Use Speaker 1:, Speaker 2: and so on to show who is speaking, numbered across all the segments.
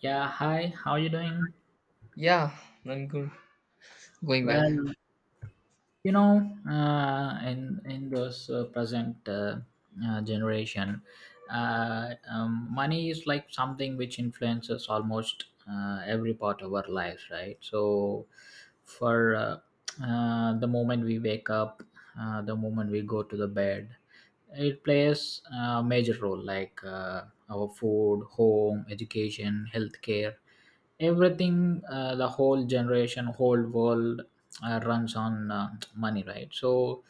Speaker 1: Yeah, hi. How you doing?
Speaker 2: Yeah, I'm good. Going well.
Speaker 1: Well, you know, uh, in in those present generation, money is like something which influences almost every part of our lives, right? So, for the moment we wake up, the moment we go to the bed, it plays a major role, like our food, home, education, healthcare everything, the whole generation, whole world runs on money, right? So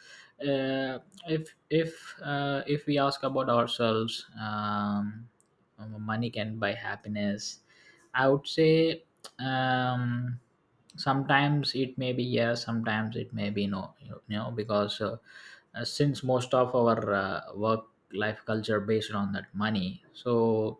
Speaker 1: uh, if we ask about ourselves, money can buy happiness, I would say. um, Sometimes it may be yes, sometimes it may be no, because since most of our work life culture based on that money, so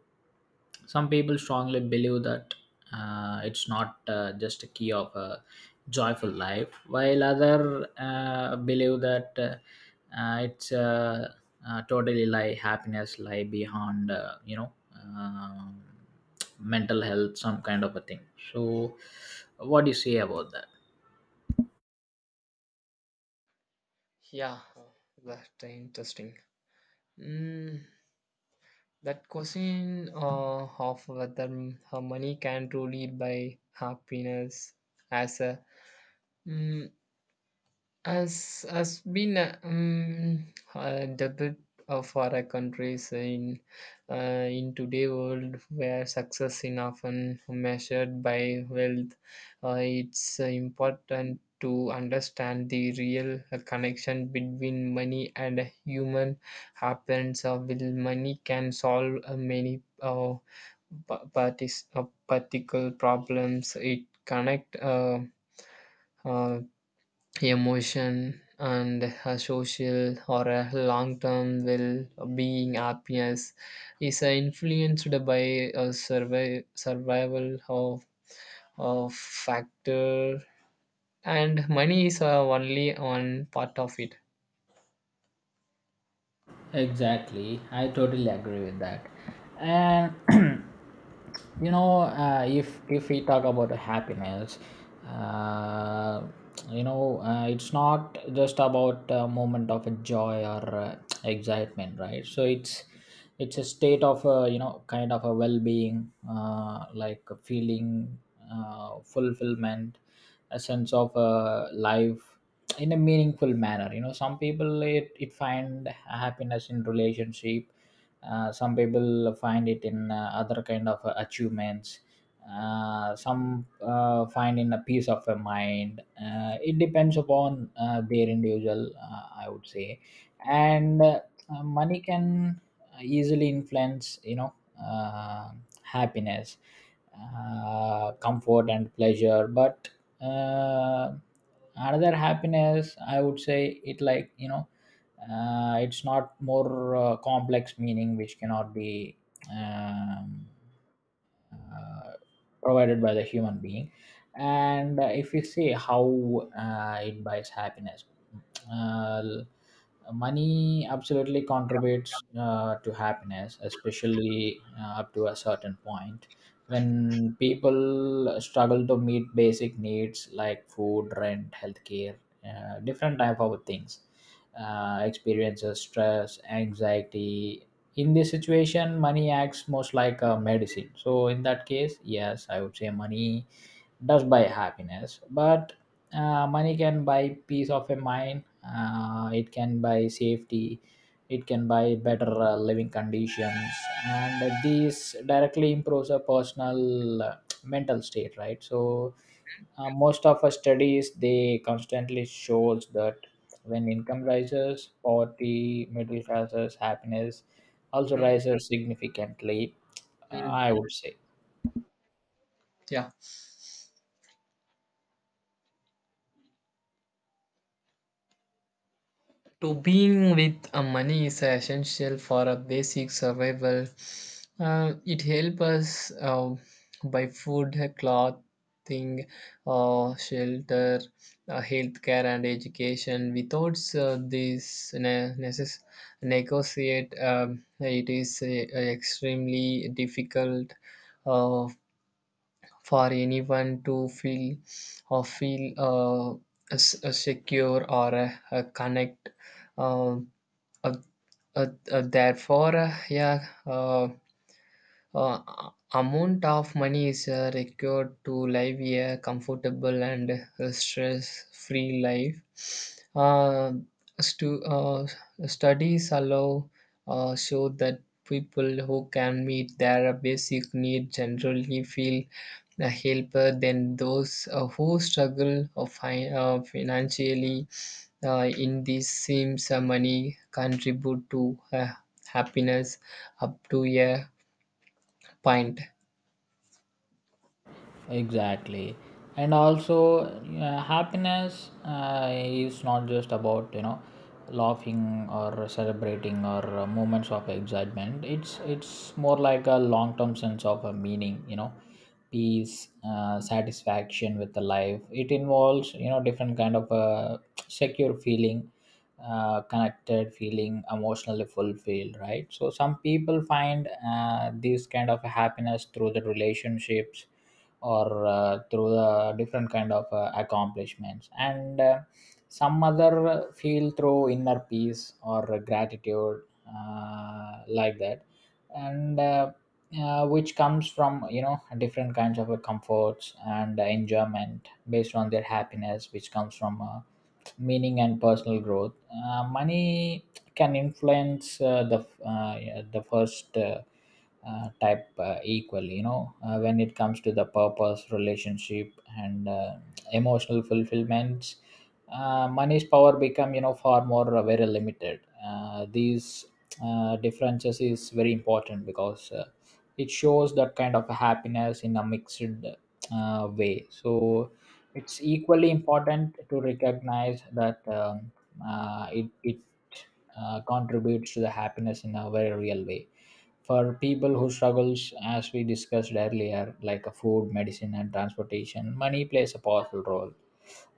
Speaker 1: some people strongly believe that it's not just a key of a joyful life, while other believe that it's totally lie, happiness lie behind, um mental health, some kind of a thing. So what do you say about that?
Speaker 2: Yeah, that's interesting. Mm, that question of whether her money can truly buy happiness as a mm, as has been a debit for a countries in today world where success is often measured by wealth, it's important to understand the real connection between money and human happens. Will money can solve many particle problems. It connect. Uh, emotion and a social or a long-term well-being happiness is influenced by a survival of factor, and money is only one part of it.
Speaker 1: Exactly, I totally agree with that. And if we talk about happiness, uh, it's not just about a moment of joy or excitement, right? So it's a state of, you know, kind of a well-being, like a feeling, fulfillment, a sense of life in a meaningful manner. You know, some people, it find happiness in relationship, some people find it in other kind of achievements, some find in a peace of a mind. It depends upon their individual, I would say. And money can easily influence, you know, uh, happiness, comfort and pleasure, but uh, another happiness, I would say, it like, you know, it's not more complex meaning which cannot be um, uh, provided by the human being. And if you see how it buys happiness, uh, money absolutely contributes to happiness, especially up to a certain point. When people struggle to meet basic needs like food, rent, healthcare, different type of things, experiences stress, anxiety. In this situation money acts most like a medicine, so in that case yes, I would say money does buy happiness. But money can buy peace of a mind, it can buy safety, it can buy better living conditions, and this directly improves a personal mental state, right? So most of our studies they constantly shows that when income rises, poverty, middle classes, happiness also
Speaker 2: Mm,
Speaker 1: rises significantly.
Speaker 2: mm,
Speaker 1: I would say.
Speaker 2: yeah, to being with, money is essential for a basic survival. It helps us buy food, clothing, shelter, healthcare, and education. Without this negotiate, it is extremely difficult uh, for anyone to feel or feel secure or connect. Uh, Uh, therefore, yeah, amount of money is required to live a comfortable and stress free life. Stu- uh, Studies allow show that people who can meet their basic needs generally feel a helper than those who struggle or financially. In these seems, money contribute to happiness up to a point.
Speaker 1: Exactly. And also happiness is not just about, you know, laughing or celebrating or moments of excitement. It's more like a long term sense of a meaning, you know, peace, satisfaction with the life. It involves, you know, different kind of secure feeling, connected feeling, emotionally fulfilled, right? So some people find this kind of happiness through the relationships, or through the different kind of accomplishments, and some other feel through inner peace or gratitude, like that. And which comes from, you know, different kinds of comforts and enjoyment based on their happiness, which comes from meaning and personal growth. Money can influence the first type equally, you know. When it comes to the purpose, relationship and emotional fulfillments, money's power become, you know, far more very limited. These differences is very important because it shows that kind of happiness in a mixed way. So it's equally important to recognize that, it, it contributes to the happiness in a very real way. For people who struggles, as we discussed earlier, like a food, medicine and transportation, money plays a powerful role.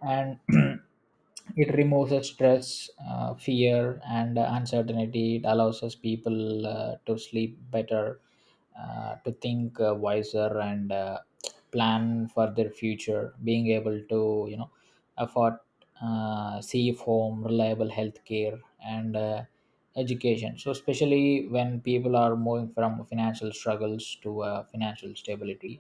Speaker 1: And it removes the stress, fear and uncertainty. It allows us people to sleep better, to think wiser, and plan for their future, being able to, you know, afford safe home, reliable healthcare, and education. So, especially when people are moving from financial struggles to financial stability.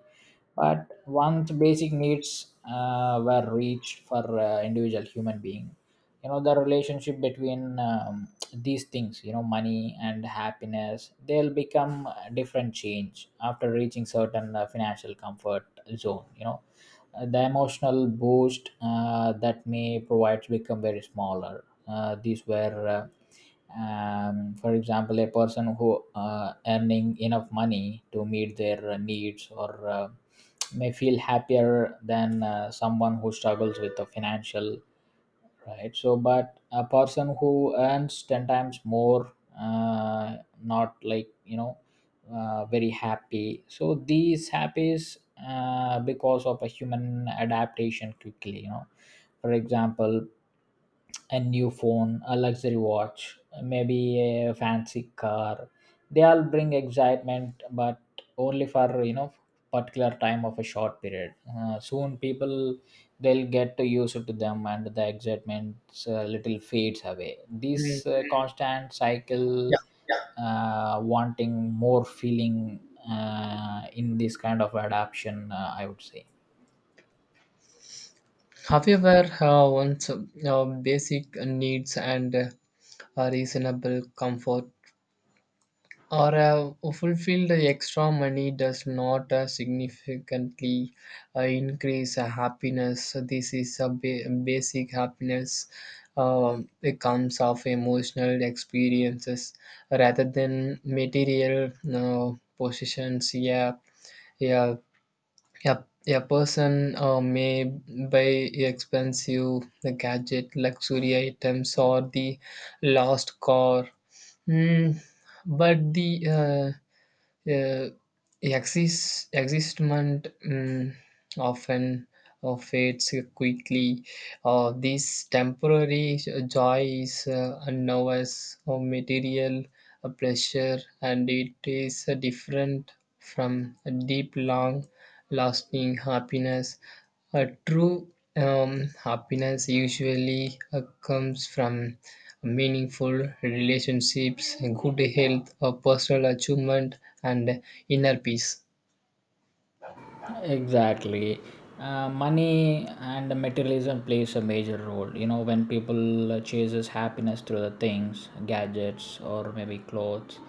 Speaker 1: But once basic needs were reached for individual human being, you know, the relationship between, these things, you know, money and happiness, they'll become a different change after reaching certain financial comfort zone. You know, the emotional boost that may provide become very smaller. For example, a person who earning enough money to meet their needs or may feel happier than someone who struggles with the financial, right? So but a person who earns 10 times more, uh, not like, you know, very happy, so these happies because of a human adaptation quickly, you know. For example, a new phone, a luxury watch, maybe a fancy car. They all bring excitement, but only for, you know, particular time of a short period. Soon people they'll get used to them, and the excitement little fades away.
Speaker 2: Mm.
Speaker 1: This constant cycle,
Speaker 2: Yeah.
Speaker 1: wanting more feeling in this kind of adaptation, I would say.
Speaker 2: However, once basic needs and a reasonable comfort or fulfilled, extra money does not significantly increase happiness. So this is a basic happiness. It comes of emotional experiences rather than material positions. Yeah, yeah. Yep. A person may buy expensive the gadget, luxury items, or the lost car. Mm, but the uh, uh, exist existment, often fades quickly. This temporary joy is now as material a pleasure, and it is different from a deep long lasting happiness. A true happiness usually comes from meaningful relationships, good health, a personal achievement, and inner peace.
Speaker 1: Exactly. Money and materialism plays a major role, you know. When people chases happiness through the things, gadgets, or maybe clothes,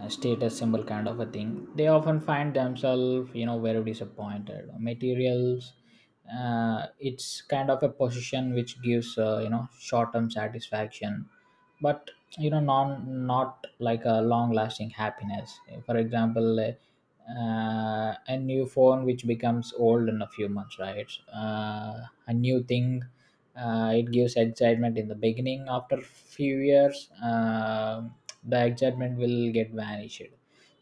Speaker 1: status symbol kind of a thing, they often find themselves, you know, very disappointed. Materials, it's kind of a position which gives, you know, short-term satisfaction, but, you know, non, not like a long-lasting happiness. For example, a new phone which becomes old in a few months, right? A new thing, it gives excitement in the beginning, after few years the excitement will get vanished.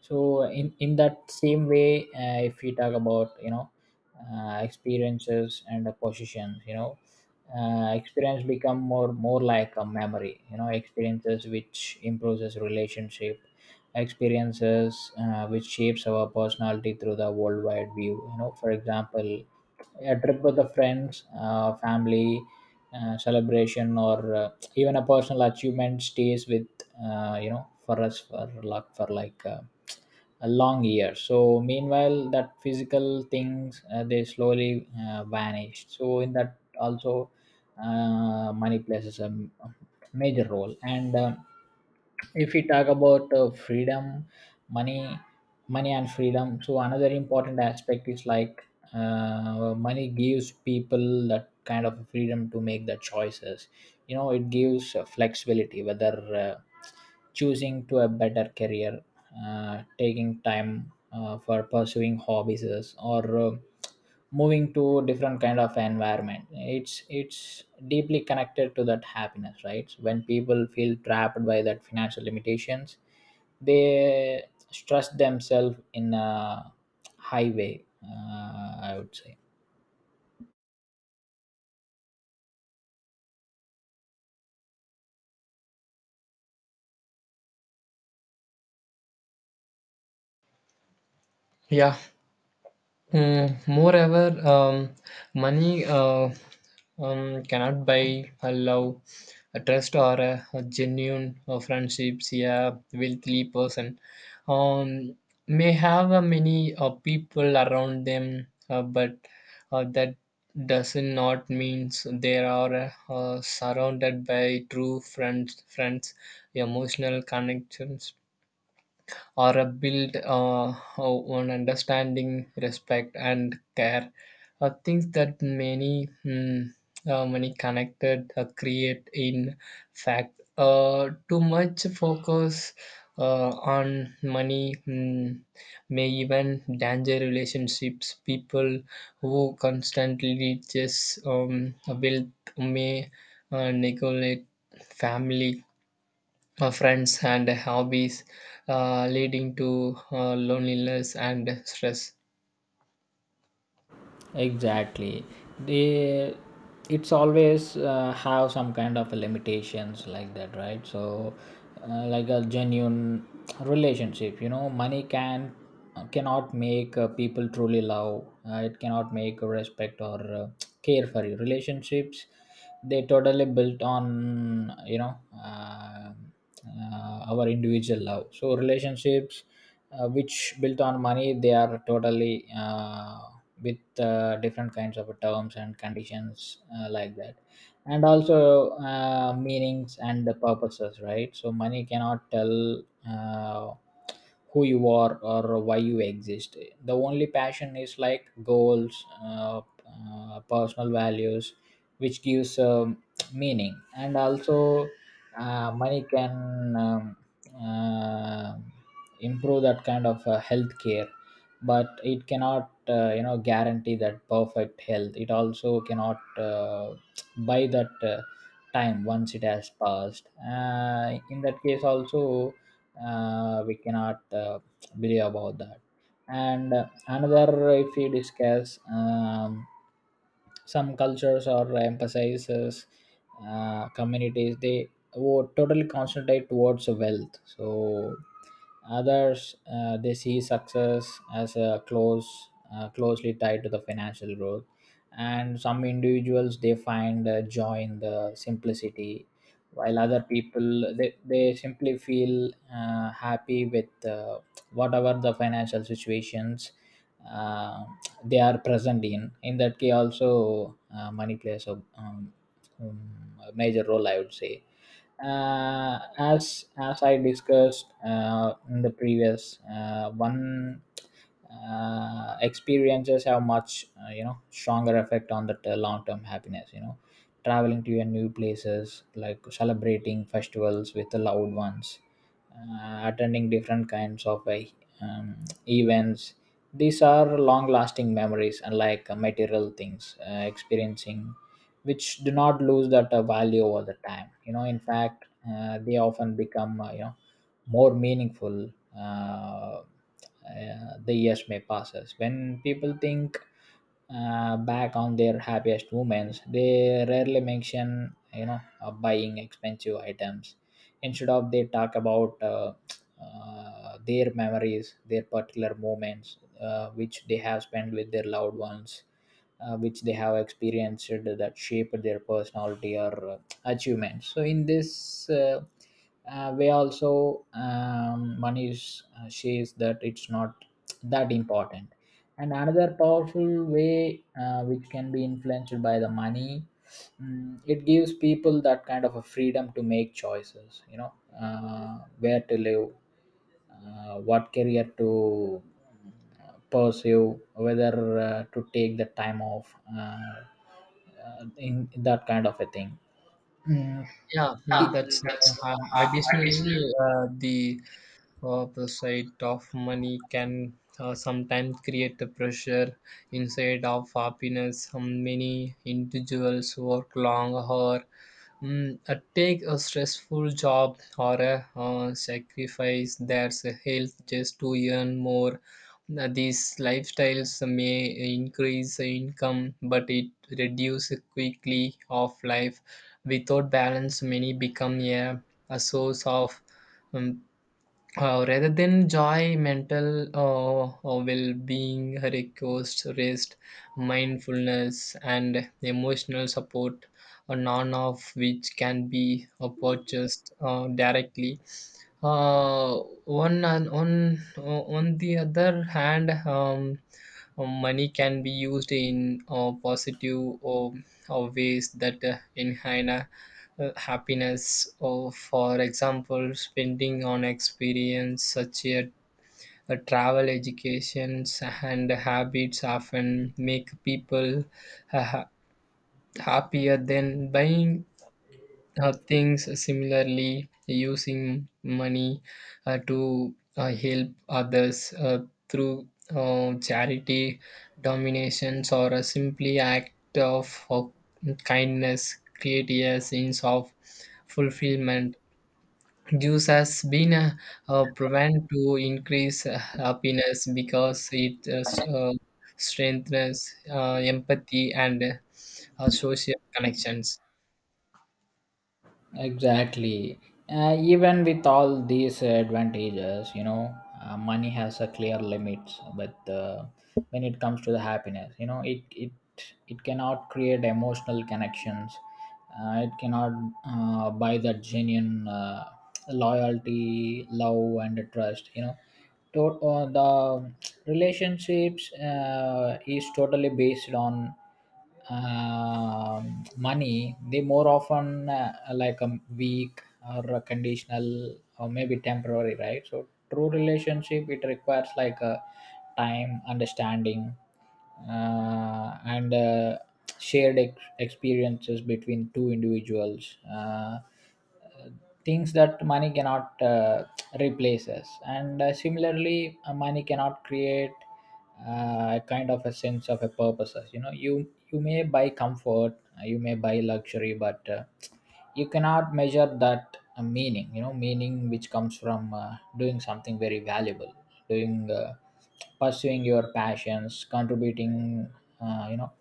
Speaker 1: So in that same way, if we talk about, you know, experiences and the positions, you know, experience become more like a memory, you know. Experiences which improves relationship, experiences which shapes our personality through the worldwide view, you know. For example, a trip with the friends, family, celebration, or even a personal achievement stays with you know, for us, for luck, for like a long year. So meanwhile that physical things they slowly vanish, so in that also money plays a major role. And um, if we talk about freedom, money money and freedom. So another important aspect is like, well, money gives people that kind of freedom to make the choices, you know. It gives flexibility, whether uh, choosing to a better career, taking time for pursuing hobbies, or moving to different kind of environment. It's deeply connected to that happiness, right? When people feel trapped by that financial limitations, they stress themselves in a high way, I would say.
Speaker 2: Yeah. Mm, moreover, money cannot buy a love, a trust, or a genuine friendships. Yeah, wealthy person um, may have many people around them, but that doesn't not means they are surrounded by true friends, emotional connections, or a build on understanding, respect, and care. Things that many many connected create in fact too much focus on money. May even danger relationships. People who constantly just wealth may neglect family, friends, and hobbies, leading to loneliness and stress.
Speaker 1: Exactly. They, it's always have some kind of limitations like that, right? So like a genuine relationship, you know, money cannot make people truly love, it cannot make respect or care for you. Relationships, they totally built on, you know, our individual love. So relationships which built on money, they are totally with different kinds of terms and conditions, like that. And also meanings and the purposes, right? So money cannot tell uh, who you are or why you exist. The only passion is like goals, personal values which gives meaning. And also money can uh, improve that kind of health care, but it cannot, you know, guarantee that perfect health. It also cannot buy that time once it has passed. In that case also we cannot believe about that. And another, if we discuss, some cultures or emphasizes communities, they totally concentrate towards wealth. So others they see success as a closely tied to the financial growth, and some individuals they find joy in the simplicity, while other people they simply feel happy with whatever the financial situations uh, they are present in. In that case, also money plays a major role, I would say as I discussed in the previous one. Experiences have much stronger effect on the long term happiness, you know, traveling to your new places, like celebrating festivals with the loved ones, attending different kinds of um, events. These are long lasting memories, unlike material things, experiencing which do not lose that value over the time, you know, in fact they often become more meaningful. uh, the years may passes when people think back on their happiest moments, they rarely mention, buying expensive items. Instead of, they talk about their memories, their particular moments which they have spent with their loved ones, which they have experienced, that shaped their personality or achievements. So in this way, also Manish says that it's not that important. And another powerful way which can be influenced by the money, it gives people that kind of a freedom to make choices, you know, where to live, what career to pursue, whether to take the time off, in that kind of a thing. Mm, it,
Speaker 2: Yeah mm, that's
Speaker 1: Yeah, that's
Speaker 2: Additionally, uh, the the sight of money can sometimes create a pressure instead of happiness. Many individuals work long, or take a stressful job, or sacrifice their health just to earn more. Now, these lifestyles may increase income, but it reduces quickly of life. Without balance, many become a source of um, rather than joy. Mental well-being requires rest, mindfulness, and emotional support, none of which can be purchased directly. Uh, one on the other hand, money can be used in positive ways that enhance happiness, or for example spending on experience such as travel, educations, and habits, often make people uh, ha- happier than buying things. Similarly, using money to help others through charity dominations or a simply act of kindness create a sense of fulfillment. Gives has been proven to increase happiness because it strengthens empathy and social connections.
Speaker 1: exactly. Even with all these advantages, you know, money has a clear limits. But when it comes to the happiness, you know, it cannot create emotional connections. It cannot buy that genuine loyalty, love, and trust. You know, to, the relationships is totally based on money, they more often like a weak or a conditional or maybe temporary, right? So true relationship, it requires like a time, understanding and experiences between two individuals, things that money cannot replace us. And similarly money cannot create a kind of a sense of a purpose. You know, you may buy comfort, you may buy luxury, but you cannot measure that meaning, you know, meaning which comes from doing something very valuable, doing pursuing your passions, contributing uh, you know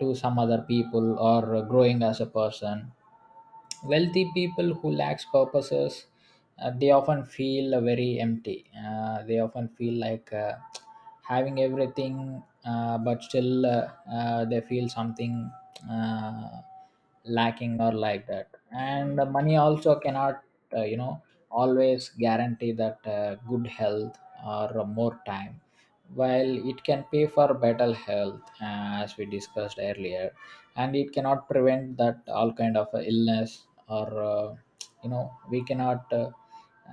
Speaker 1: to some other people or growing as a person. Wealthy people who lacks purposes, they often feel very empty. They often feel like having everything, but still they feel something uh, lacking or like that. And the money also cannot, uh, you know, always guarantee that good health or more time. While it can pay for better health, as we discussed earlier, and it cannot prevent that all kind of illness or you know, we cannot uh,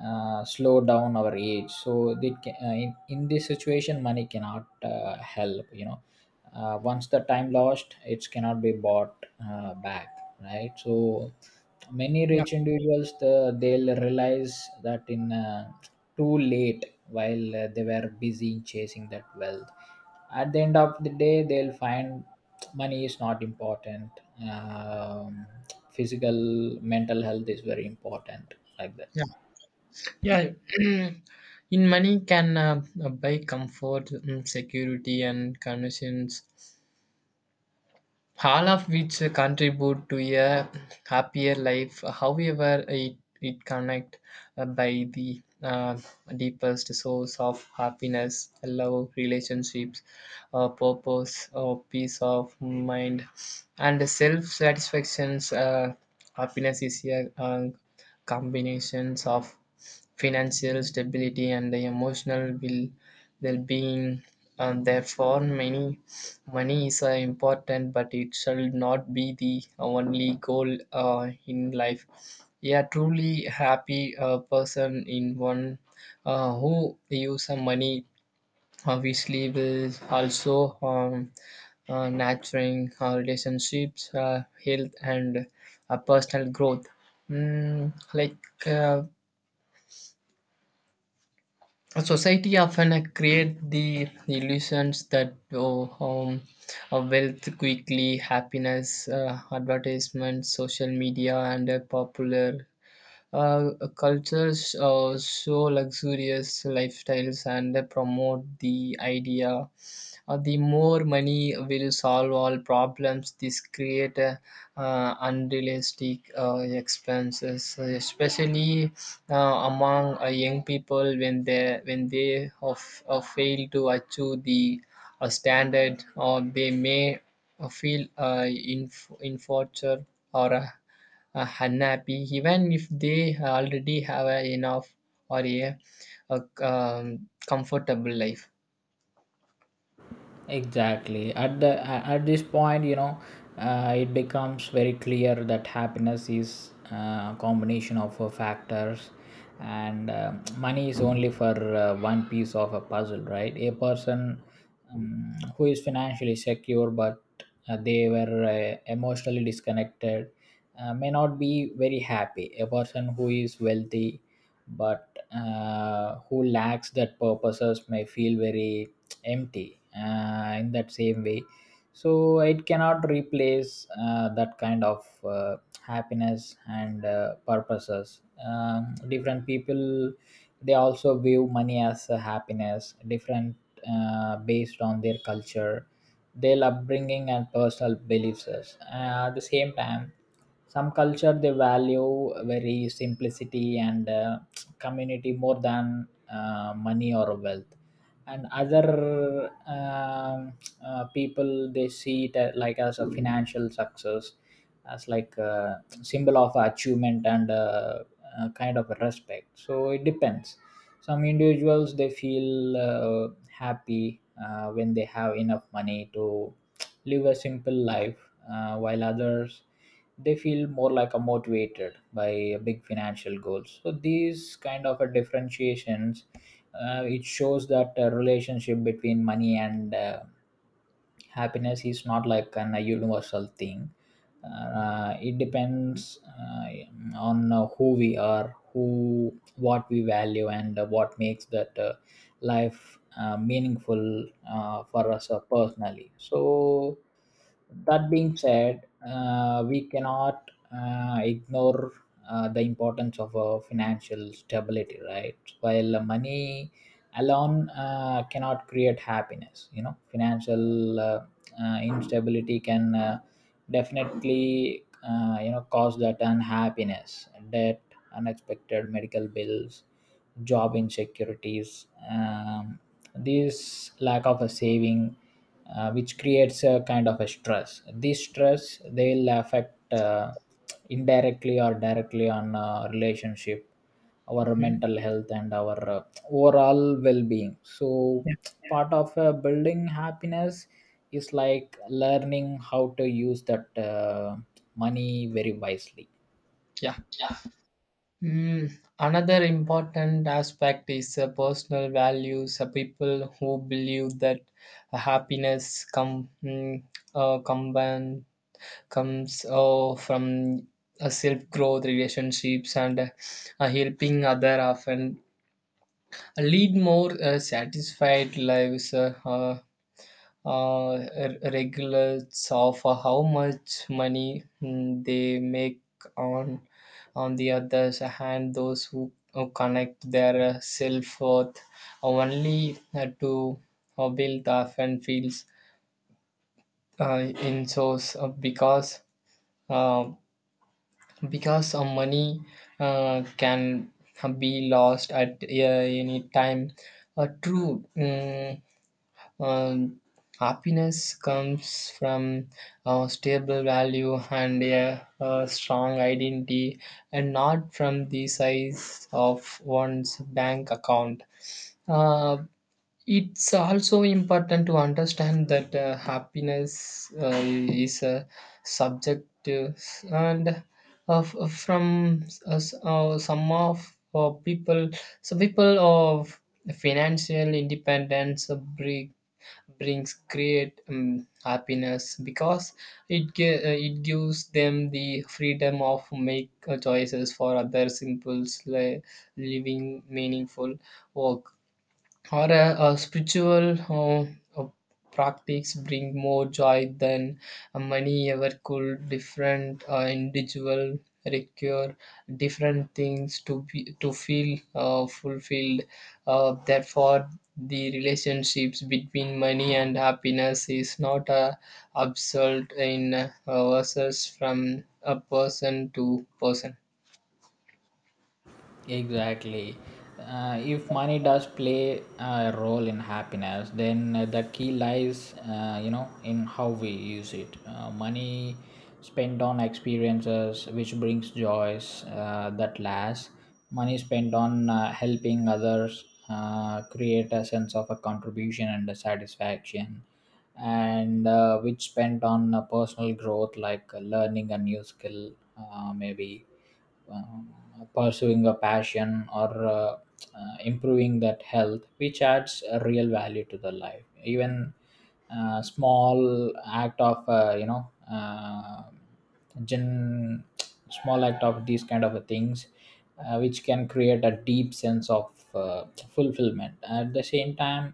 Speaker 1: uh, slow down our age, so they can, in this situation money cannot help, you know, once the time lost, it cannot be bought back, right? So many
Speaker 2: Yeah,
Speaker 1: rich individuals, they'll realize that in too late, while they were busy in chasing that wealth, at the end of the day they'll find money is not important, um, physical mental health is very important, like that.
Speaker 2: yeah, yeah. In money can buy comfort, security, and connections, all of which contribute to a happier life. However, it connect by the deepest source of happiness: love, relationships, purpose, or peace of mind, and self satisfactions. Happiness is a combinations of financial stability and the emotional will well-being, and therefore many. Money is important, but it shall not be the only goal in life. A truly happy person in one who use some money obviously will also nurturing relationships, health, and personal growth. Mm, like uh, society often create the illusions that, oh, wealth quickly happiness. Uh, advertisement, social media, and popular cultures show luxurious lifestyles and promote the idea the more money will solve all problems. This create unrealistic expenses, especially among young people when they of, fail to achieve the standard, or they may feel infortunate or unhappy, even if they already have a enough or a comfortable life.
Speaker 1: Exactly. At this point, you know, it becomes very clear that happiness is a combination of factors, and money is only for one piece of a puzzle, right? A person who is financially secure but they were emotionally disconnected may not be very happy. A person who is wealthy but who lacks that purposes may feel very empty in that same way. So it cannot replace that kind of happiness and purposes. Different people, they also view money as a happiness different based on their culture, their upbringing and personal beliefs. At the same time, some culture they value very simplicity and community more than money or wealth. And other people, they see it a- like as a financial success, as like a symbol of achievement and kind of respect. So it depends, some individuals they feel happy when they have enough money to live a simple life, while others they feel more like a motivated by a big financial goals. So these kind of a differentiations, it shows that a relationship between money and happiness is not like an a universal thing. It depends on who we are, who, what we value and what makes that life meaningful for us personally. So that being said, we cannot ignore the importance of financial stability, right? While money alone cannot create happiness, you know, financial instability can definitely cause that unhappiness. Debt, unexpected medical bills, job insecurities, this lack of a saving, which creates a kind of a stress. This stress, they will affect indirectly or directly on relationship, our
Speaker 2: Hmm.
Speaker 1: mental health and our overall well-being. So
Speaker 2: Yeah.
Speaker 1: part of building happiness is like learning how to use that money very wisely.
Speaker 2: Yeah. Mm, another important aspect is personal values. People who believe that happiness uh, combine, comes from self growth, relationships, and helping other, often lead more satisfied lives, regulates of how much money they make. On the other hand, who connect their self worth only to build often feels in source, uh, because money can be lost at any time. A true Um, happiness comes from a stable value and a strong identity, and not from the size of one's bank account. Uh, it's also important to understand that happiness is a subjective and of from some of people. So people of financial independence brings great happiness because it it gives them the freedom of make choices. For other simple living meaningful work or a spiritual practice bring more joy than money ever could. Different individual require different things to be to feel fulfilled. Therefore, the relationships between money and happiness is not a absolute in versus from a person to person.
Speaker 1: Exactly. If money does play a role in happiness, then the key lies, in how we use it. Money spent on experiences which brings joys that lasts. Money spent on helping others create a sense of a contribution and a satisfaction, and which spent on personal growth, like learning a new skill, maybe um, pursuing a passion or improving that health, which adds a real value to the life. Even small act of gen- small act of these kind of things, which can create a deep sense of fulfillment. At the same time,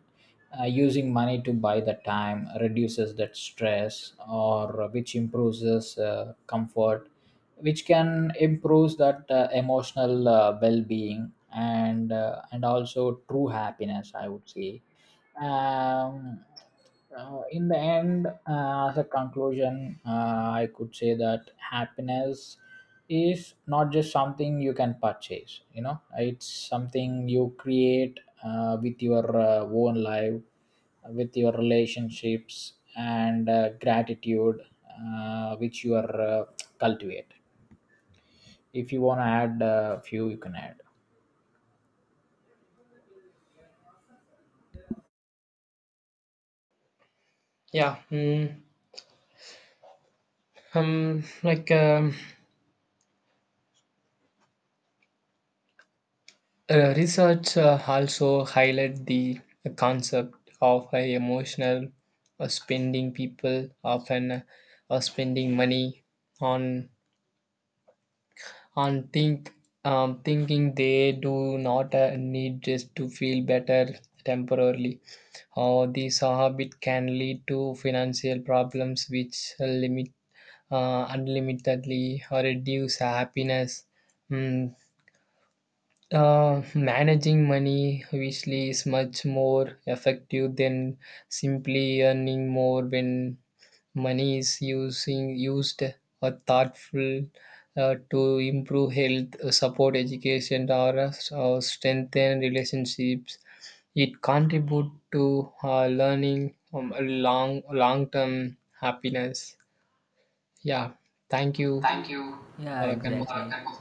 Speaker 1: using money to buy the time reduces that stress, or which improves comfort, which can improve that emotional well-being and and also true happiness, I would say. um, in the end, as a conclusion, I could say that happiness is not just something you can purchase, you know, it's something you create with your own life, with your relationships and gratitude which you are cultivate. If you want to add a few, you can add.
Speaker 2: yeah mm, um like um, Research also highlight the concept of a emotional spending. People often spending money on on thinking they do not need just to feel better temporarily. Or this habit can lead to financial problems, which limit unlimitedly or reduce happiness. Mm, managing money obviously is much more effective than simply earning more. When money is using used or thoughtful to improve health, support education, or strengthen relationships, it contribute to learning long long term happiness. Yeah, thank you
Speaker 1: Thank you.
Speaker 2: for the conversation.
Speaker 1: Exactly.